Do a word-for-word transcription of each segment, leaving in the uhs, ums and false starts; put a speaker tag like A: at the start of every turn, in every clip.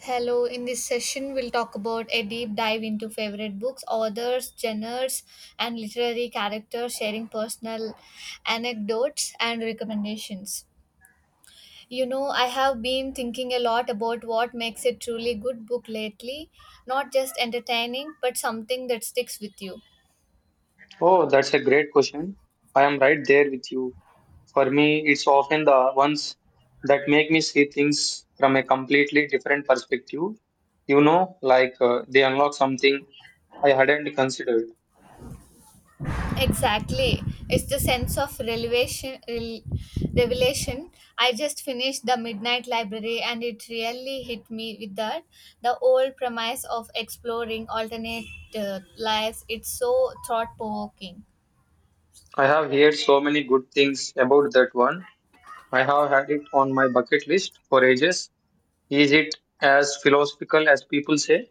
A: Hello, in this session, we'll talk about a deep dive into favorite books, authors, genres, and literary characters, sharing personal anecdotes and recommendations. You know, I have been thinking a lot about what makes a truly good book lately, not just entertaining, but something that sticks with you.
B: Oh, that's a great question. I am right there with you. For me, it's often the ones that make me see things from a completely different perspective. You know, like uh, they unlock something I hadn't considered.
A: Exactly. It's the sense of revelation. rel- revelation. I just finished The Midnight Library and it really hit me with that. The old premise of exploring alternate uh, lives, it's so thought provoking.
B: I have heard so many good things about that one. I have had it on my bucket list for ages. Is it as philosophical as people say?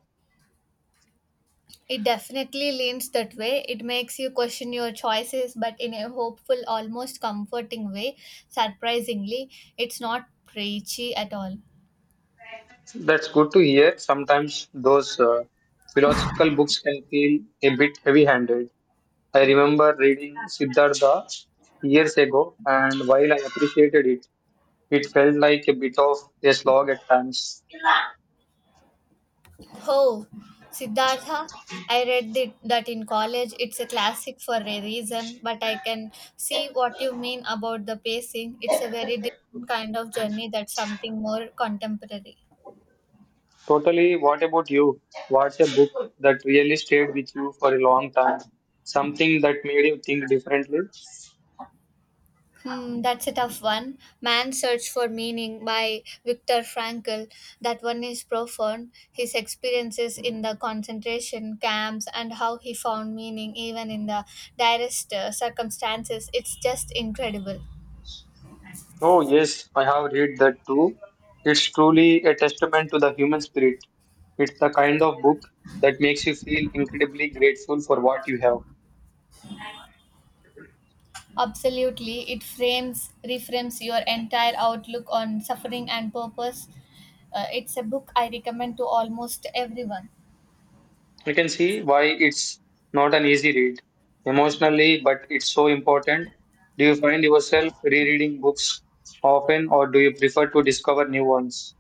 A: It definitely leans that way. It makes you question your choices, but in a hopeful, almost comforting way. Surprisingly, it's not preachy at all.
B: That's good to hear. Sometimes those uh, philosophical books can feel a bit heavy handed. I remember reading Siddhartha years ago, and while I appreciated it, it felt like a bit of a slog at times.
A: Oh, Siddhartha, I read the, that in college. It's a classic for a reason, but I can see what you mean about the pacing. It's a very different kind of journey that's something more contemporary.
B: Totally, what about you? What's a book that really stayed with you for a long time? Something that made you think differently?
A: Hmm, that's a tough one. Man's Search for Meaning by Viktor Frankl. That one is profound. His experiences in the concentration camps and how he found meaning even in the direst uh, circumstances. It's just incredible.
B: Oh, yes, I have read that too. It's truly a testament to the human spirit. It's the kind of book that makes you feel incredibly grateful for what you have.
A: Absolutely, it frames, reframes your entire outlook on suffering and purpose. Uh, it's a book I recommend to almost everyone.
B: You can see why it's not an easy read emotionally, but it's so important. Do you find yourself rereading books often, or do you prefer to discover new ones?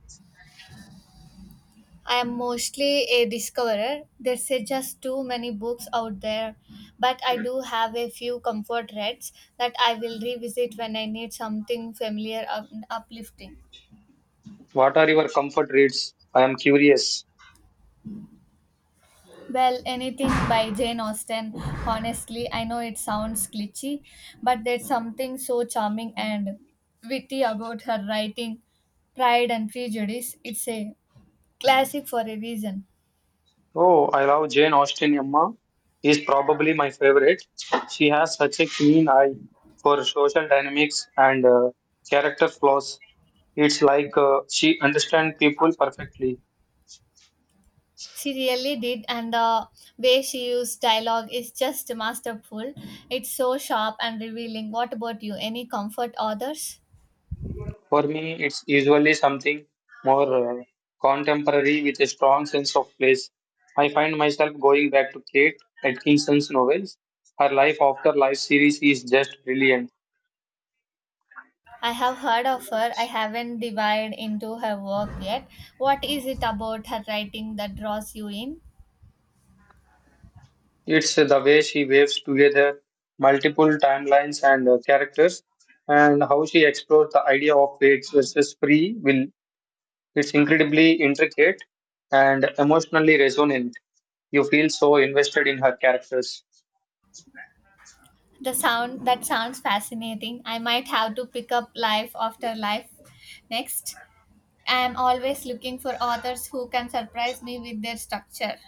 A: I am mostly a discoverer. There's uh, just too many books out there, but I do have a few comfort reads that I will revisit when I need something familiar and uplifting.
B: What are your comfort reads? I am curious.
A: Well, anything by Jane Austen, honestly, I know it sounds glitchy, but there's something so charming and witty about her writing Pride and Prejudice. It's a classic for a reason.
B: Oh, I love Jane Austen. Emma is probably my favorite. She has such a keen eye for social dynamics and uh, character flaws. It's like uh, she understands people perfectly.
A: She really did, and the way she used dialogue is just masterful. It's so sharp and revealing. What about you? Any comfort authors?
B: For me, it's usually something more uh, contemporary with a strong sense of place. I find myself going back to Kate Atkinson's novels. Her Life After Life series is just brilliant.
A: I have heard of her. I haven't dived into her work yet. What is it about her writing that draws you in?
B: It's uh, The way she waves together multiple timelines and uh, characters, and how she explores the idea of fate versus free will. It's incredibly intricate and emotionally resonant. You feel so invested in her characters.
A: The sound that sounds fascinating. I might have to pick up Life After Life next. I am always looking for authors who can surprise me with their structure.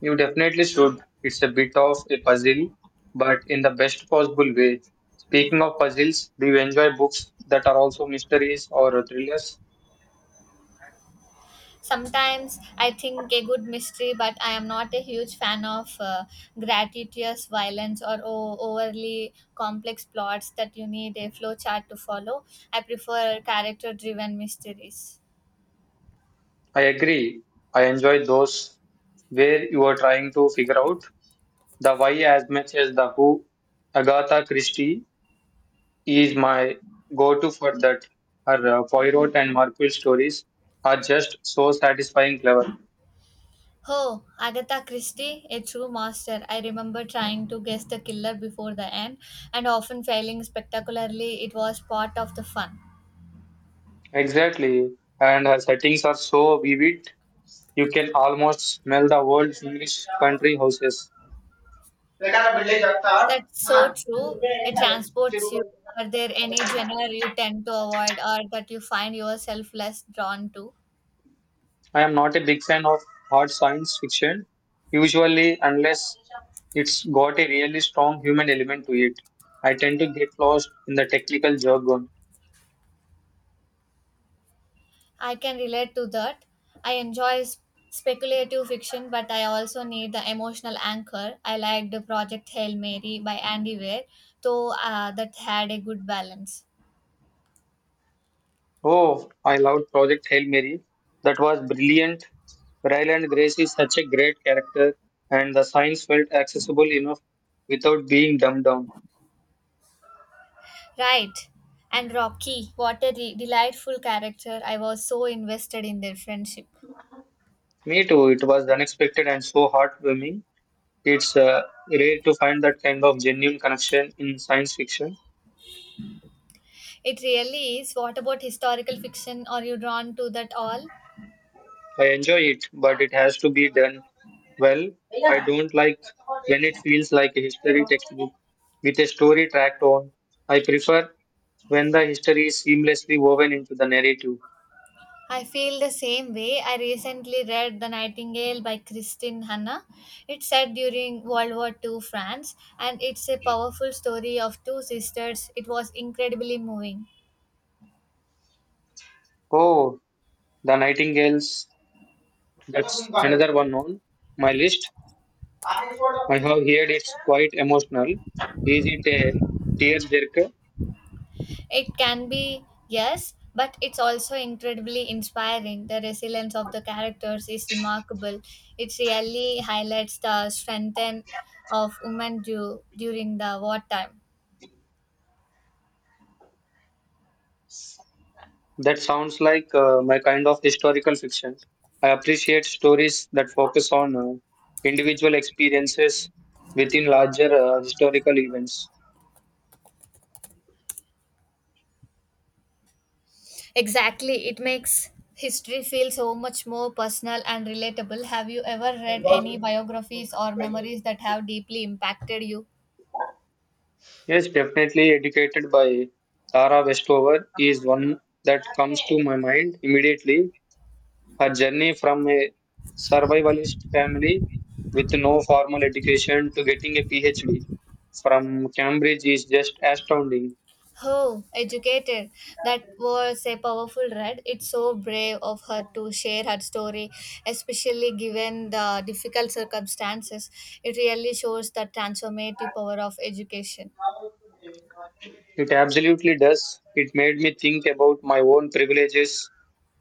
B: You definitely should. It's a bit of a puzzle, but in the best possible way. Speaking of puzzles, do you enjoy books that are also mysteries or thrillers?
A: Sometimes I think a good mystery, but I am not a huge fan of uh, gratuitous violence or o- overly complex plots that you need a flowchart to follow. I prefer character driven mysteries.
B: I agree. I enjoy those where you are trying to figure out the why as much as the who. Agatha Christie is my go to for that. Her uh, Poirot and Marple stories are just so satisfying clever.
A: Oh, Agatha Christie, a true master. I remember trying to guess the killer before the end and often failing spectacularly. It was part of the fun.
B: Exactly. And her settings are so vivid. You can almost smell the old English country houses.
A: That's so true. It transports you. Are there any genre you tend to avoid or that you find yourself less drawn to?
B: I am not a big fan of hard science fiction, usually, unless it's got a really strong human element to it. I tend to get lost in the technical jargon.
A: I can relate to that. I enjoy s- speculative fiction, but I also need the emotional anchor. I liked Project Hail Mary by Andy Weir, though uh, that had a good balance.
B: Oh, I loved Project Hail Mary. That was brilliant. Ryland Grace is such a great character, and the science felt accessible enough without being dumbed down.
A: Right. And Rocky, what a re- delightful character. I was so invested in their friendship.
B: Me too, it was unexpected and so heartwarming. It's uh, rare to find that kind of genuine connection in science fiction.
A: It really is. What about historical fiction? Are you drawn to that all?
B: I enjoy it, but it has to be done well. I don't like when it feels like a history textbook with a story tracked on. I prefer when the history is seamlessly woven into the narrative.
A: I feel the same way. I recently read The Nightingale by Christine Hanna. It's set during World War Two, France and it's a powerful story of two sisters. It was incredibly moving.
B: Oh, The Nightingales, that's another one on my list. I have heard it's quite emotional. Is it a tearjerker?
A: It can be, yes, but it's also incredibly inspiring. The resilience of the characters is remarkable. It really highlights the strength and- of women du- during the wartime.
B: That sounds like uh, my kind of historical fiction. I appreciate stories that focus on uh, individual experiences within larger uh, historical events.
A: Exactly. It makes history feel so much more personal and relatable. Have you ever read any biographies or memories that have deeply impacted you?
B: Yes, definitely Educated by Tara Westover is one that comes to my mind immediately. Her journey from a survivalist family with no formal education to getting a PhD from Cambridge is just astounding.
A: Oh, educated. That was a powerful read. It's so brave of her to share her story, especially given the difficult circumstances. It really shows the transformative power of education.
B: It absolutely does. It made me think about my own privileges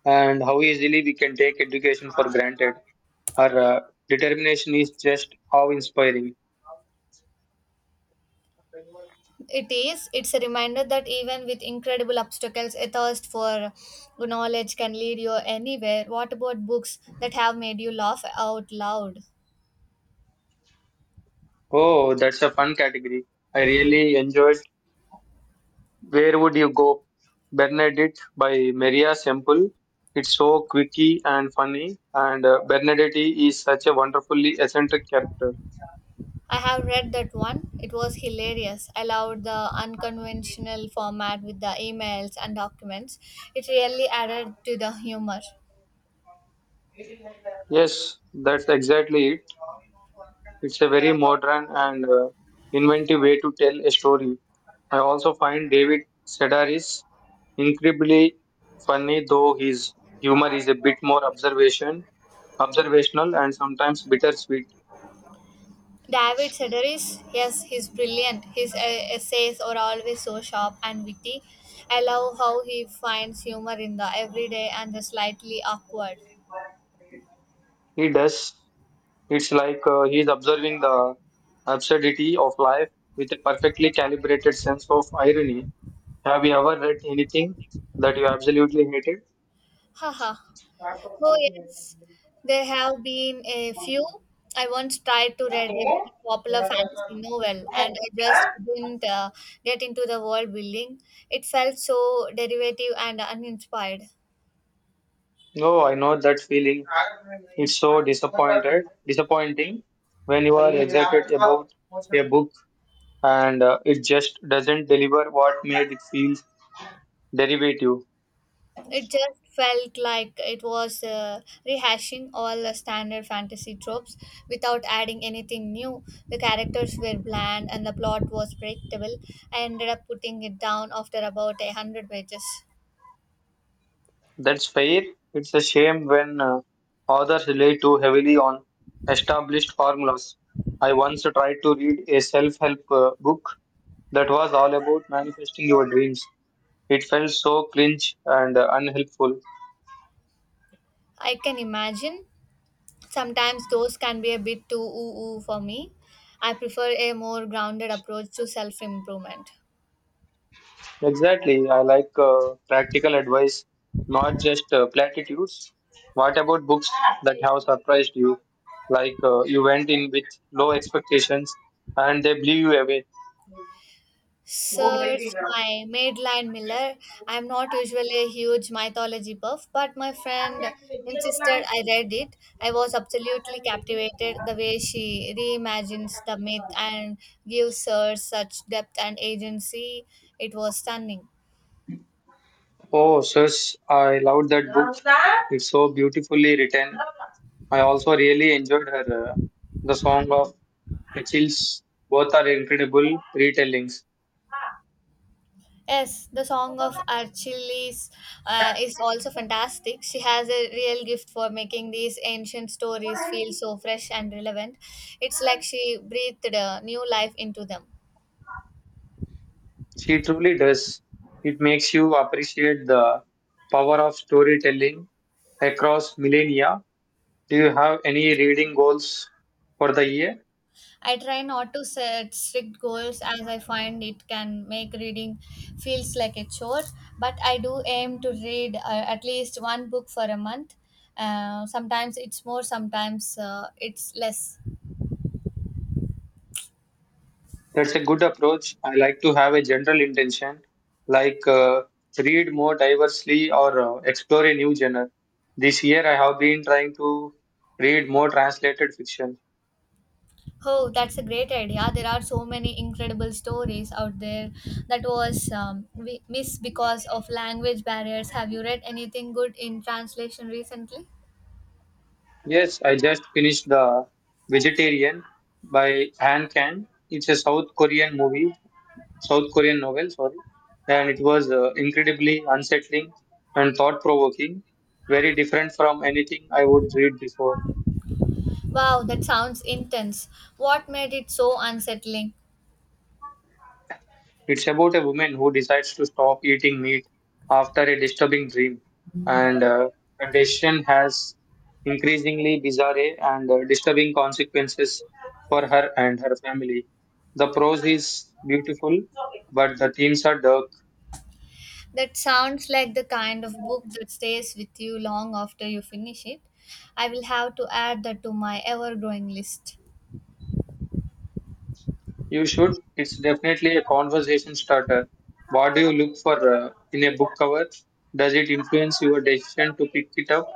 B: and how easily we can take education for granted. Her uh, determination is just how inspiring.
A: It is. It's a reminder that even with incredible obstacles, a thirst for knowledge can lead you anywhere. What about books that have made you laugh out loud?
B: Oh, that's a fun category. I really enjoyed Where Would You Go? Bernadette by Maria Semple. It's so quirky and funny, and uh, Bernadette is such a wonderfully eccentric character.
A: I have read that one. It was hilarious. I loved the unconventional format with the emails and documents. It really added to the humor.
B: Yes, that's exactly it. It's a very modern and uh, inventive way to tell a story. I also find David Sedaris incredibly funny, though his humor is a bit more observation, observational, and sometimes bittersweet.
A: David Sedaris, yes, he's brilliant. His uh, essays are always so sharp and witty. I love how he finds humor in the everyday and the slightly awkward.
B: He does. It's like uh, he's observing the absurdity of life with a perfectly calibrated sense of irony. Have you ever read anything that you absolutely hated?
A: Haha, oh, yes, there have been a few. I once tried to read a very popular fantasy novel and I just didn't uh, get into the world building. It felt so derivative and uninspired.
B: Oh, I know that feeling. It's so disappointed, disappointing when you are excited about a book and uh, it just doesn't deliver. What made it feel derivative?
A: It just felt like it was uh, rehashing all the standard fantasy tropes without adding anything new. The characters were bland and the plot was predictable. I ended up putting it down after about a hundred pages.
B: That's fair. It's a shame when uh, authors rely too heavily on established formulas. I once tried to read a self-help uh, book that was all about manifesting your dreams. It felt so cringe and uh, unhelpful.
A: I can imagine. Sometimes those can be a bit too ooh ooh for me. I prefer a more grounded approach to self improvement.
B: Exactly. I like uh, practical advice, not just uh, platitudes. What about books that have surprised you? Like uh, you went in with low expectations and they blew you away.
A: Search my Madeline Miller. I am not usually a huge mythology buff, but my friend insisted I read it. I was absolutely captivated the way she reimagines the myth and gives her such depth and agency. It was stunning.
B: Oh, sis, I loved that book. It's so beautifully written. I also really enjoyed her. Uh, the Song of the Chills. Both are incredible retellings.
A: Yes, the song of Archilis uh, is also fantastic. She has a real gift for making these ancient stories feel so fresh and relevant. It's like she breathed a new life into them.
B: She truly does. It makes you appreciate the power of storytelling across millennia. Do you have any reading goals for the year?
A: I try not to set strict goals as I find it can make reading feels like a chore, but I do aim to read uh, at least one book for a month. Uh, sometimes it's more, sometimes uh, it's less.
B: That's a good approach. I like to have a general intention, like uh, read more diversely or uh, explore a new genre. This year, I have been trying to read more translated fiction.
A: Oh, that's a great idea. There are so many incredible stories out there that was um, we missed because of language barriers. Have you read anything good in translation recently?
B: Yes, I just finished The Vegetarian by Han Kang. It's a South Korean movie, South Korean novel, sorry. And it was uh, incredibly unsettling and thought provoking, very different from anything I would read before.
A: Wow, that sounds intense. What made it so unsettling?
B: It's about a woman who decides to stop eating meat after a disturbing dream, and uh, the decision has increasingly bizarre and uh, disturbing consequences for her and her family. The prose is beautiful, but the themes are dark.
A: That sounds like the kind of book that stays with you long after you finish it. I will have to add that to my ever growing list.
B: You should. It's definitely a conversation starter. What do you look for uh, in a book cover? Does it influence your decision to pick it up?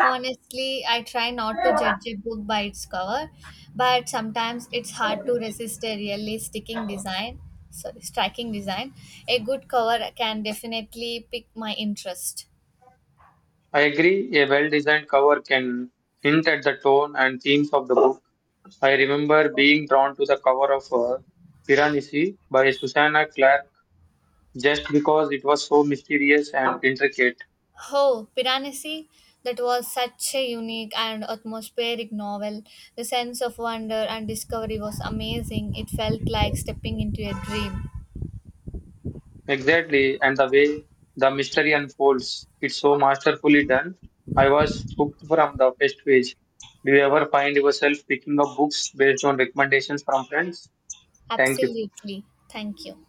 A: Honestly, I try not to judge a book by its cover, but sometimes it's hard to resist a really sticking design. Sorry, striking design. A good cover can definitely pick my interest.
B: I agree, a well designed cover can hint at the tone and themes of the book. I remember being drawn to the cover of uh, Piranesi by Susanna Clark just because it was so mysterious and intricate.
A: Oh, Piranesi, that was such a unique and atmospheric novel. The sense of wonder and discovery was amazing. It felt like stepping into a dream.
B: Exactly, and the way the mystery unfolds, it's so masterfully done. I was hooked from the first page. Do you ever find yourself picking up books based on recommendations from friends? Thank you.
A: Absolutely. Thank you.